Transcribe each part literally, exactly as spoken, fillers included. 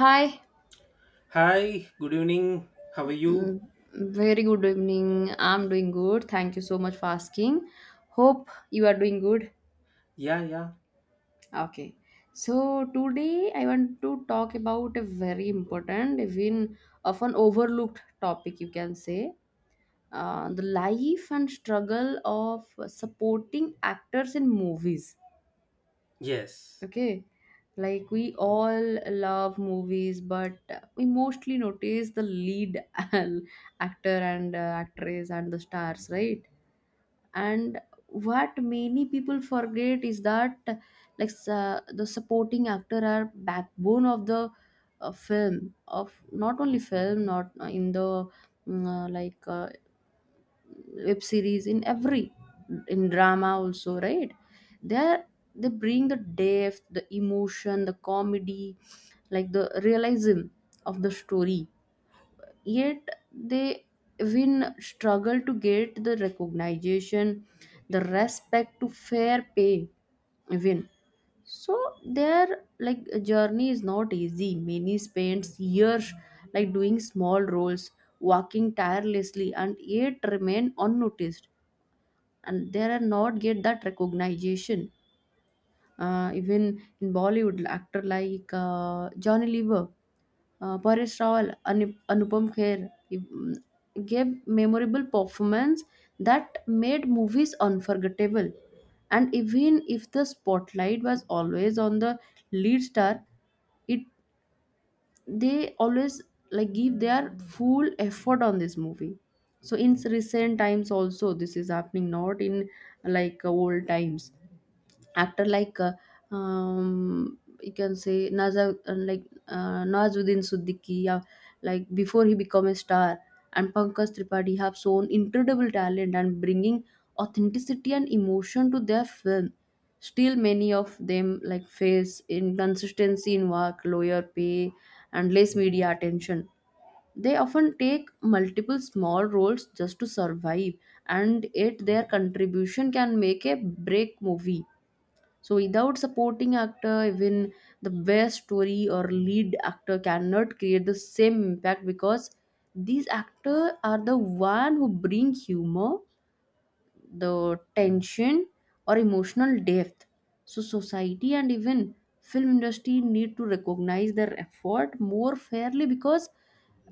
Hi, Hi, good evening. How are you? mm, very good evening. I'm doing good. Thank you so much for asking. Hope you are doing good. Yeah, yeah. Okay. So today I want to talk about a very important, even often overlooked topic you can say, uh, the life and struggle of supporting actors in movies. Yes. Okay. Like we all love movies, but we mostly notice the lead actor and uh, actress and the stars, right? And what many people forget is that like uh, the supporting actor are backbone of the uh, film, of not only film, not uh, in the mm, uh, like uh, web series, in every, in drama also, right? There they bring the depth, the emotion, the comedy, like the realism of the story, yet they even struggle to get the recognition, the respect, to fair pay even. So their like journey is not easy. Many spends years like doing small roles, working tirelessly and yet remain unnoticed, and they are not get that recognition. Uh, even in Bollywood, actor like uh, Johnny Lever, uh, Paresh Rawal, Anup- Anupam Kher mm, gave memorable performance that made movies unforgettable. And even if the spotlight was always on the lead star, it they always like give their full effort on this movie. So in recent times also this is happening, not in like old times. Actor like uh, um, you can say, Naza like uh, Nazuddin Siddiqui, yeah, like before he become a star, and Pankaj Tripathi have shown incredible talent and bringing authenticity and emotion to their film. Still many of them like face inconsistency in work, lower pay, and less media attention. They often take multiple small roles just to survive, and yet their contribution can make a break movie. So without supporting actor, even the best story or lead actor cannot create the same impact, because these actors are the one who bring humor, the tension, or emotional depth. So society and even film industry need to recognize their effort more fairly, because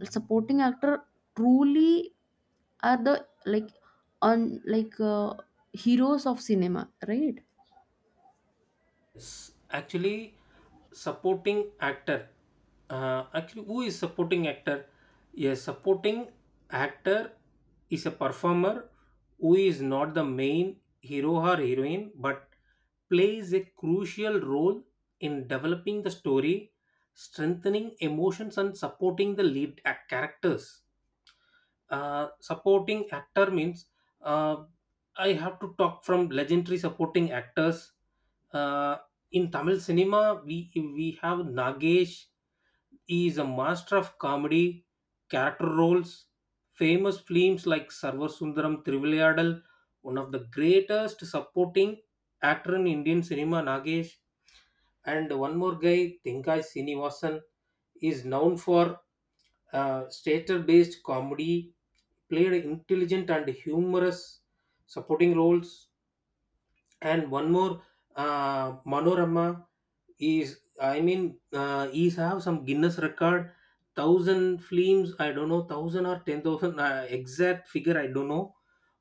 supporting actor truly are the like on like uh, heroes of cinema, right? Yes. Actually, supporting actor. Uh, actually, who is supporting actor? Yes, supporting actor is a performer who is not the main hero or heroine but plays a crucial role in developing the story, strengthening emotions, and supporting the lead ac- characters. Uh, supporting actor means uh, I have to talk from legendary supporting actors. Uh, in Tamil cinema, we we have Nagesh. He is a master of comedy, character roles, famous films like Sarva Sundaram Trivilayadal, one of the greatest supporting actor in Indian cinema, Nagesh. And one more guy, Thinkai Sinivasan, is known for uh, stature based comedy, played intelligent and humorous supporting roles. And one more, uh, Manorama is, I mean, uh, is have some Guinness record, thousand films. I don't know, thousand or ten thousand uh, exact figure. I don't know,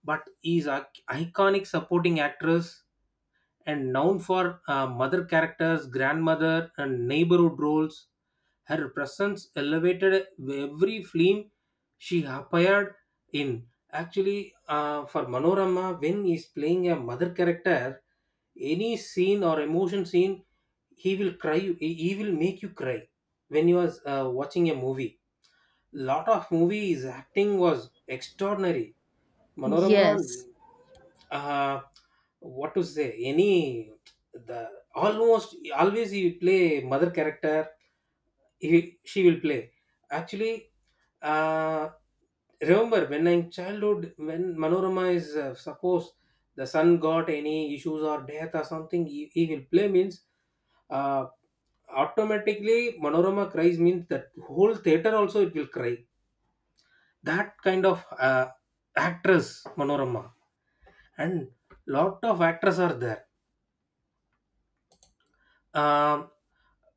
but is a iconic supporting actress and known for uh, mother characters, grandmother, and neighborhood roles. Her presence elevated every film she appeared in. Actually, uh, for Manorama, when he is playing a mother character, any scene or emotion scene, he will cry. you- He he will make you cry when you was uh, watching a movie. Lot of movies acting was extraordinary Manorama. Yes. Uh, what to say? Any the almost always he will play mother character. He she will play. Actually, uh, remember when in childhood, when Manorama is uh, suppose the son got any issues or death or something, he, he will play means uh, automatically Manorama cries means that whole theater also it will cry. That kind of uh, actress Manorama, and lot of actors are there. Um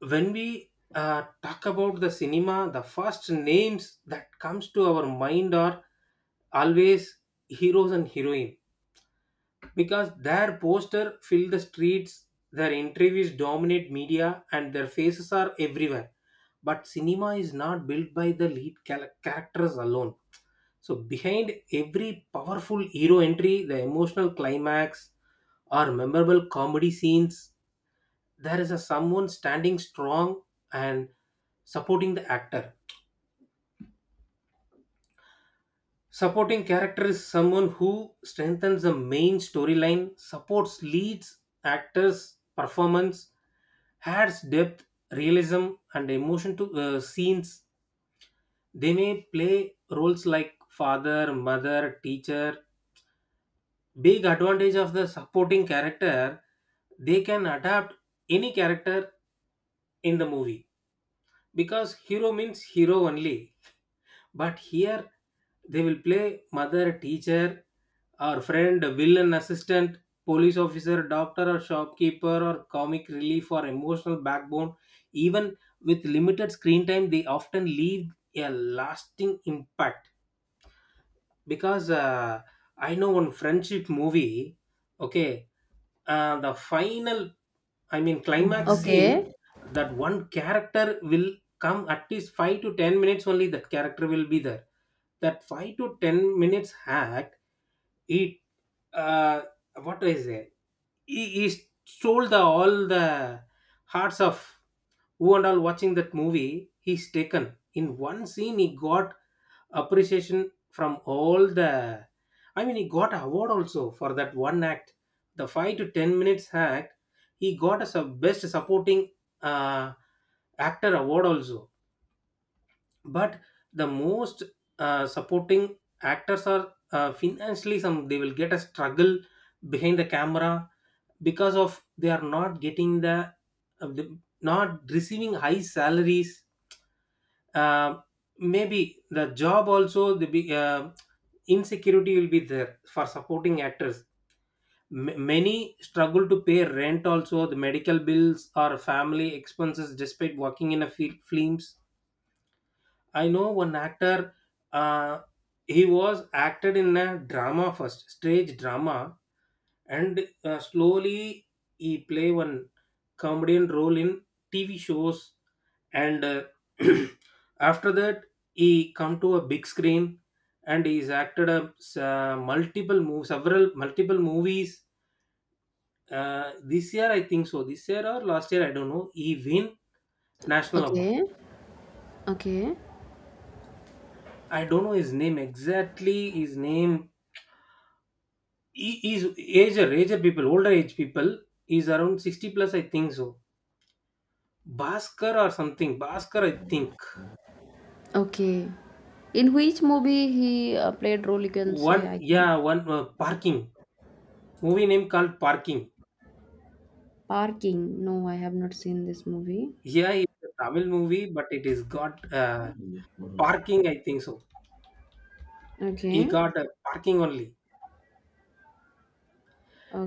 when we uh, talk about the cinema, the first names that comes to our mind are always heroes and heroines, because their poster fill the streets, their interviews dominate media, and their faces are everywhere. But cinema is not built by the lead char- characters alone. So behind every powerful hero entry, the emotional climax or memorable comedy scenes, there is a someone standing strong and supporting the actor. Supporting character is someone who strengthens the main storyline, supports leads, actors, performance, adds depth, realism, and emotion to uh, scenes. They may play roles like father, mother, teacher. Big advantage of the supporting character, they can adapt any character in the movie, because hero means hero only. But here, they will play mother, teacher, or friend, villain, assistant, police officer, doctor, or shopkeeper, or comic relief or emotional backbone. Even with limited screen time, they often leave a lasting impact because uh, I know one friendship movie. Okay, uh, the final I mean climax scene, Okay, that one character will come. At least five to ten minutes only that character will be there. That five to ten minutes hack it, uh, what do I say? He, he stole the all the hearts of who and all watching that movie. He's taken in one scene. He got appreciation from all the. I mean, he got a award also for that one act, the five to ten minutes act. He got a sub- best supporting uh, actor award also. But the most uh, supporting actors are uh, financially some they will get a struggle behind the camera, because of they are not getting the, uh, the not receiving high salaries. uh, Maybe the job also the big, uh, insecurity will be there for supporting actors. M- many struggle to pay rent also the medical bills or family expenses despite working in a fi- films. I know one actor. Uh, he was acted in a drama first, stage drama, and uh, slowly he play one comedian role in T V shows. And uh, after that, he come to a big screen, and he's acted a uh, multiple movies, several multiple movies. Uh, this year, I think so. This year or last year, I don't know. He win national award. okay, okay, I don't know his name exactly. His name, he is ager ager people, older age people, is around sixty plus, I think so. Bhaskar or something, Bhaskar I think. okay. In which movie he uh, played role? You can One, say I can. yeah, one uh, parking, movie name called parking. Parking. No, I have not seen this movie. Yeah, it's a Tamil movie, but it is got uh, parking, I think so. He Okay, got uh, parking only.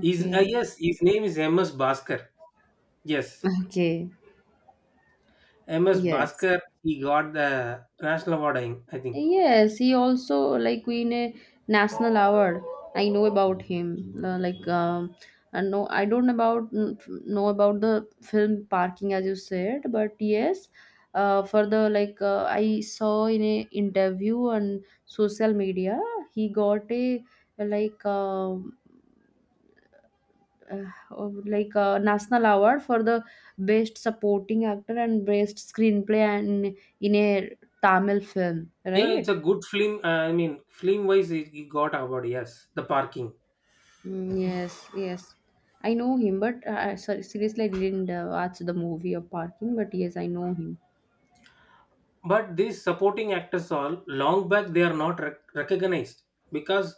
His uh, yes, his name is MS Bhaskar. Yes, okay. MS Yes. Bhaskar. He got the national award, i I think. Yes, he also like win a national award. I know about him. Uh, like um, I know, I don't about know about the film Parking as you said, but yes, uh, for the like uh, I saw in a interview on social media, he got a like um, uh, like a national award for the best supporting actor and best screenplay and in a Tamil film, Yeah, it's right? a good film. uh, I mean film wise he he got award, yes, the parking. Mm, yes, yes. I know him, but uh, uh, sorry, seriously, I didn't uh, watch the movie of Parking, but yes, I know him. But these supporting actors all long back they are not rec- recognized because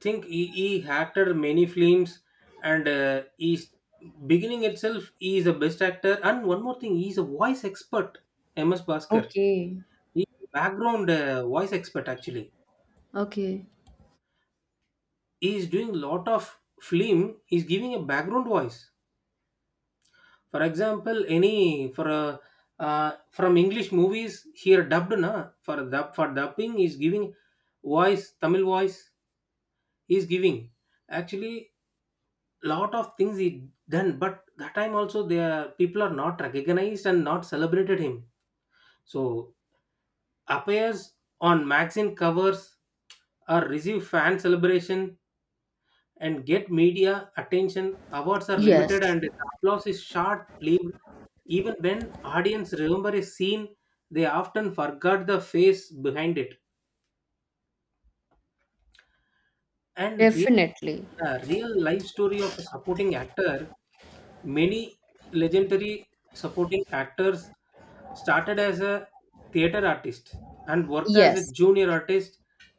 think he, he acted many films. And uh, he's beginning itself he is a best actor. And one more thing, he is a voice expert, MS Bhaskar. Okay, He is a background uh, voice expert actually. okay. He is doing lot of film, he is giving a background voice. For example, any for a uh, from english movies here dubbed na, for dub for dubbing is giving voice, tamil voice he's giving actually. Lot of things he done, but that time also the people are not recognized and not celebrated him. So appears on magazine covers or receive fan celebration and get media attention. Awards are Yes, limited and the applause is short lived. Even when audience remember a scene, they often forgot the face behind it. And definitely. yeah, real life story of a supporting actor. Many legendary supporting actors started as a theater artist and worked as a Yes, junior artist,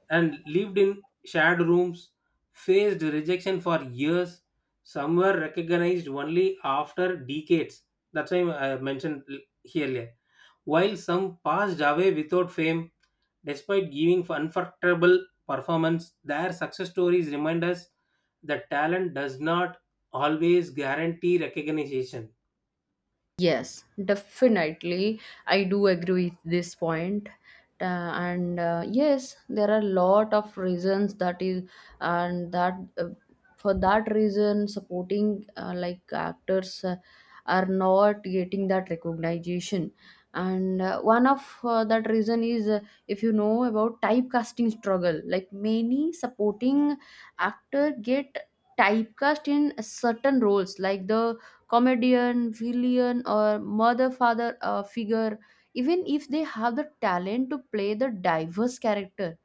and lived in shared rooms, faced rejection for years. Some were recognized only after decades. That's why I mentioned l- here earlier. While some passed away without fame, despite giving unforgettable performance, their success stories remind us the talent does not always guarantee recognition. yes, definitely. I do agree with this point. Uh, and uh, yes, there are a lot of reasons that is, and that uh, for that reason, supporting uh, like actors uh, are not getting that recognition. And uh, one of uh, that reason is, uh, if you know about typecasting struggle, like many supporting actor get typecast in certain roles, like the comedian, villain, or mother father uh, figure, even if they have the talent to play the diverse character.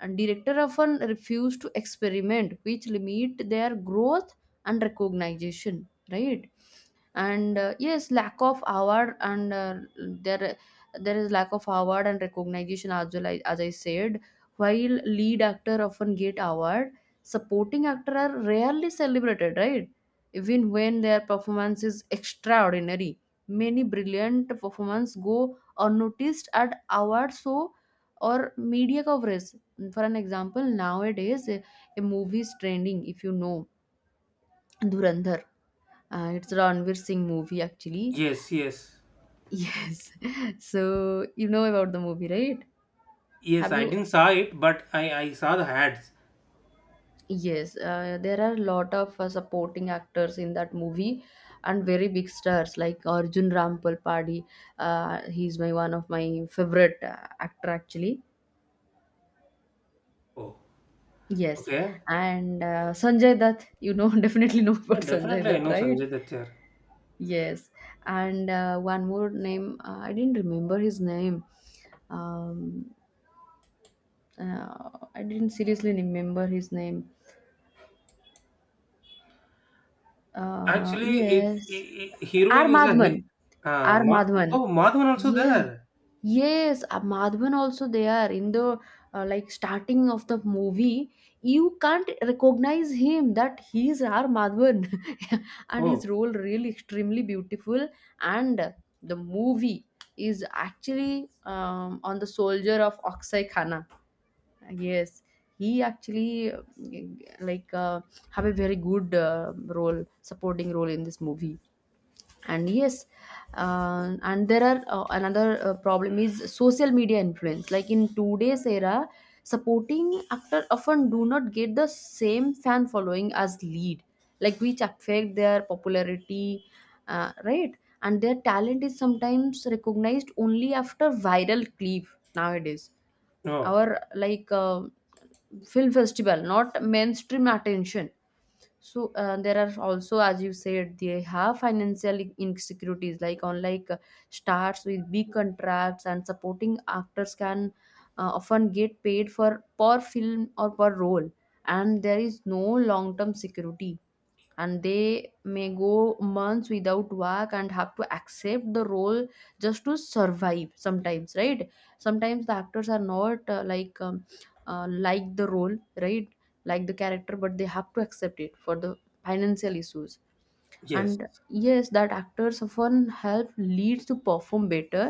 And director often refuse to experiment, which limit their growth and recognition, right? and uh, Yes, lack of award, and uh, there there is lack of award and recognition as well. I- as I said, while lead actor often get award, supporting actor are rarely celebrated, right? Even when their performance is extraordinary, many brilliant performance go unnoticed at award show or media coverage. For an example, nowadays a, a movie is trending, if you know, Dhurandhar, uh, it's Ranveer Singh movie actually. Yes, yes. Yes. So you know about the movie, right? Yes, Have I you? didn't saw it, but I, I saw the ads. Yes. Uh, there are a lot of uh, supporting actors in that movie, and very big stars like Arjun Rampal Padi. Uh, he's my one of my favorite uh, actor actually. Oh, Yes, okay. and uh, Sanjay Dutt. You know, definitely know Yeah, about Sanjay definitely I Dutt, know right? Sanjay Dutt here. Yes, and uh, one more name. Uh, I didn't remember his name. Um, uh, I didn't seriously remember his name. Uh, Actually, it, yes. it, it- R. heroine is a he- Madhavan. uh, R. Ma- Madhavan. oh, Madhavan also Yes. there. Yes, uh, Madhavan also, they are in the uh, like starting of the movie. You can't recognize him that he is R. Madhavan, and his Oh, role really extremely beautiful. And the movie is actually um, on the soldier of Akshay Khanna. Yes, he actually uh, like uh, have a very good uh, role, supporting role in this movie. And yes, uh, and there are uh, another uh, problem is social media influence. Like in today's era, supporting actor often do not get the same fan following as lead, like which affect their popularity, uh, right? And their talent is sometimes recognized only after viral clip nowadays, oh, our like uh, film festival, not mainstream attention. So uh, there are also, as you said, they have financial insecurities, like unlike uh, stars with big contracts, and supporting actors can uh, often get paid for per film or per role, and there is no long term security. And they may go months without work and have to accept the role just to survive sometimes, right? Sometimes the actors are not uh, like um, uh, like the role, right, like the character, but they have to accept it for the financial issues. yes, And yes, that actors often help leads to perform better,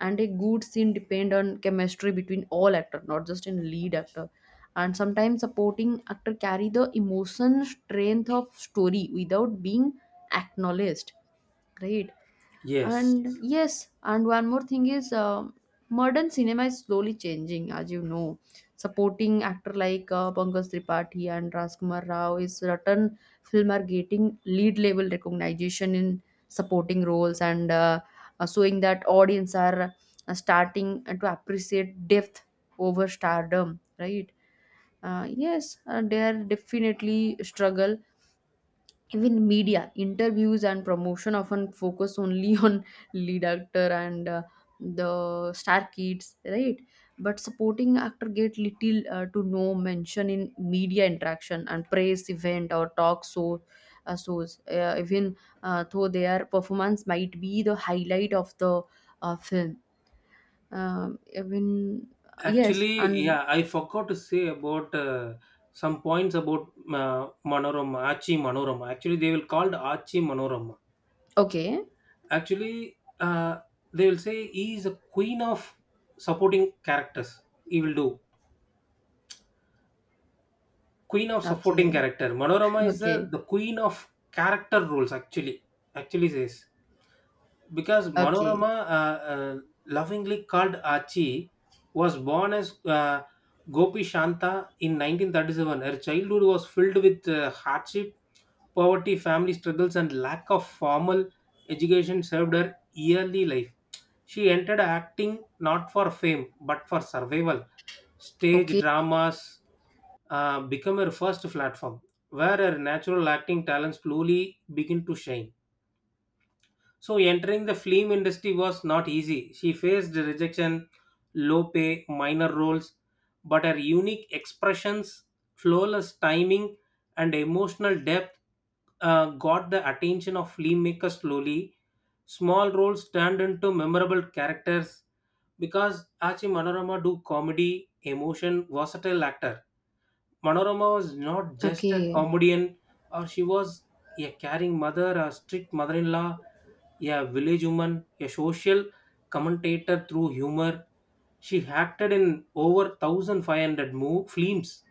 and a good scene depend on chemistry between all actor, not just in lead actor. And sometimes supporting actor carry the emotion strength of story without being acknowledged, right? yes. And yes, and one more thing is, um modern cinema is slowly changing, as you know. Supporting actor like uh, Pankaj Tripathi and Rajkumar Rao is certain film are getting lead level recognition in supporting roles, and uh, uh, showing that audience are uh, starting to appreciate depth over stardom, right? Uh, yes, uh, they are definitely struggle. Even media interviews and promotion often focus only on lead actor and uh, the star kids, right? But supporting actor get little uh, to no mention in media interaction and press event or talk show uh, shows, uh, even uh, though their performance might be the highlight of the uh, film. Um, even uh, yes, Actually, and yeah, I forgot to say about uh, some points about uh, Manorama, Achi Manorama. Actually, they will called Achi Manorama. okay, Actually, uh, they will say he is a queen of supporting characters. He will do queen of okay, supporting character. Manorama is okay, the, the queen of character roles. Actually, actually says because okay, Manorama, uh, uh, lovingly called Achi, was born as uh, Gopi Shanta in nineteen thirty-seven. Her childhood was filled with uh, hardship, poverty, family struggles, and lack of formal education served her early life. She entered acting not for fame but for survival. Stage okay, dramas uh, become her first platform, where her natural acting talents slowly begin to shine. So entering the film industry was not easy. She faced rejection, low pay, minor roles, but her unique expressions, flawless timing, and emotional depth uh, got the attention of filmmakers slowly. Small roles turned into memorable characters because Achi Manorama do comedy, emotion, versatile actor. Manorama was not just a okay. comedian, or she was a caring mother, a strict mother in law, a village woman, a social commentator through humor. She acted in over one thousand five hundred mo- films,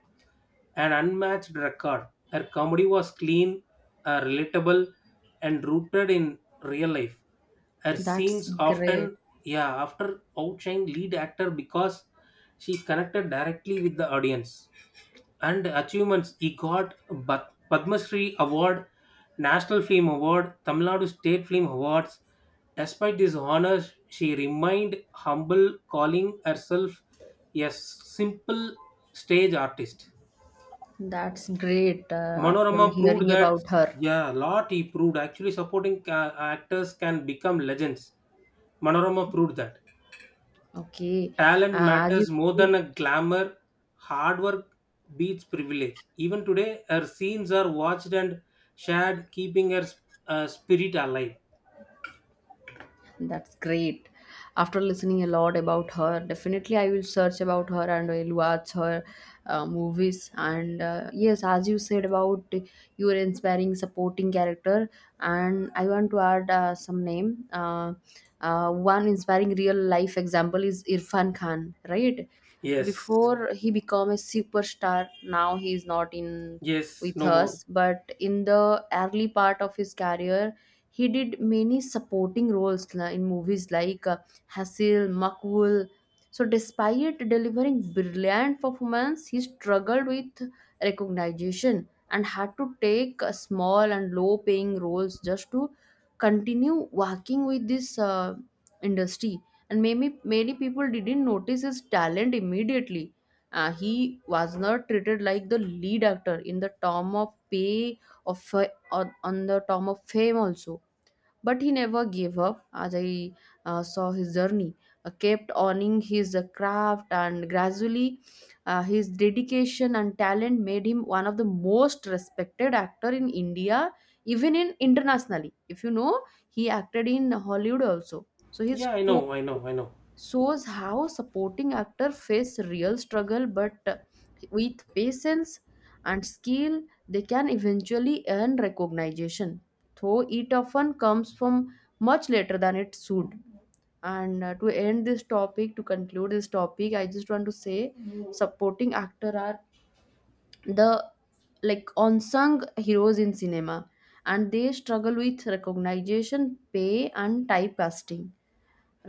an unmatched record. Her comedy was clean, uh, relatable, and rooted in real life. Her That's scenes great. often, yeah, after outshine lead actor, because she connected directly with the audience. And achievements he got: Bat- Padma Shri award, national film award, Tamil Nadu state film awards. Despite these honors, she remained humble, calling herself a simple stage artist. That's great uh, after Manorama proved hearing that, about her. yeah, a lot he proved actually, supporting ca- actors can become legends. Manorama proved that Okay. talent Uh, as you matters more than a glamour. Hard work beats privilege. Even today, her scenes are watched and shared, keeping her s- uh, spirit alive. That's great. After listening a lot about her, definitely I will search about her and I'll watch her uh, movies. And uh, yes, as you said about your inspiring supporting character, and I want to add uh, some name. Uh, uh, one inspiring real life example is Irfan Khan, right? Yes, Before he became a superstar, now he is not in yes, with no more. us, but in the early part of his career he did many supporting roles la- in movies like uh, Hasil, Makbul. So, despite delivering brilliant performance, he struggled with recognition and had to take uh, small and low-paying roles just to continue working with this uh, industry. And maybe many people didn't notice his talent immediately. Uh, he was not treated like the lead actor in the term of pay of uh, on on the term of fame also, but he never gave up. As I uh, saw his journey, uh, kept owning his uh, craft, and gradually uh, his dedication and talent made him one of the most respected actor in India, even in internationally. If you know, he acted in Hollywood also. So his Yeah, I story know, I know, I know. shows how supporting actor face real struggle, but with patience and skill they can eventually earn recognition, though it often comes from much later than it should. And uh, to end this topic to conclude this topic, I just want to say, mhm, supporting actor are the like unsung heroes in cinema, and they struggle with recognition, pay, and typecasting,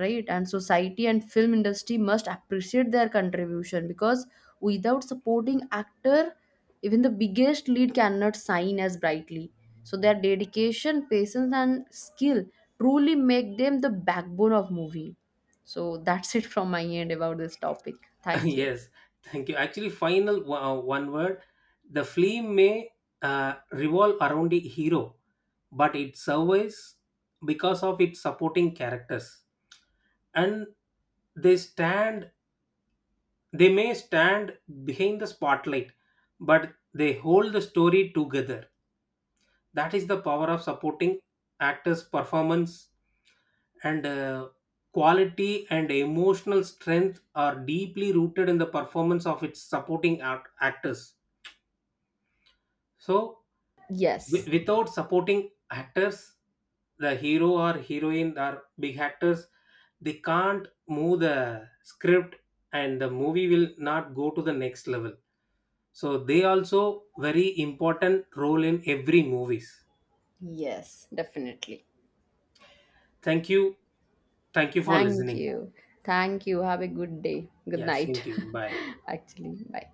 right? And society and film industry must appreciate their contribution, because without supporting actor, even the biggest lead cannot shine as brightly. So their dedication, patience, and skill truly make them the backbone of movie. So that's it from my end about this topic. Thank you. Yes, thank you. Actually, final o- uh, one word. The film may uh, revolve around a hero, but it survives because of its supporting characters, and they stand they may stand behind the spotlight, but they hold the story together. That is the power of supporting actors' performance, and uh, quality and emotional strength are deeply rooted in the performance of its supporting act- actors. So, Yes, wi- without supporting actors, the hero or heroine or big actors, they can't move the script and the movie will not go to the next level. So, they also very important role in every movies. yes, definitely. Thank you. Thank you for Thank listening. you. Thank you, have a good day, good Yeah, same night. to you. Bye. Actually, bye.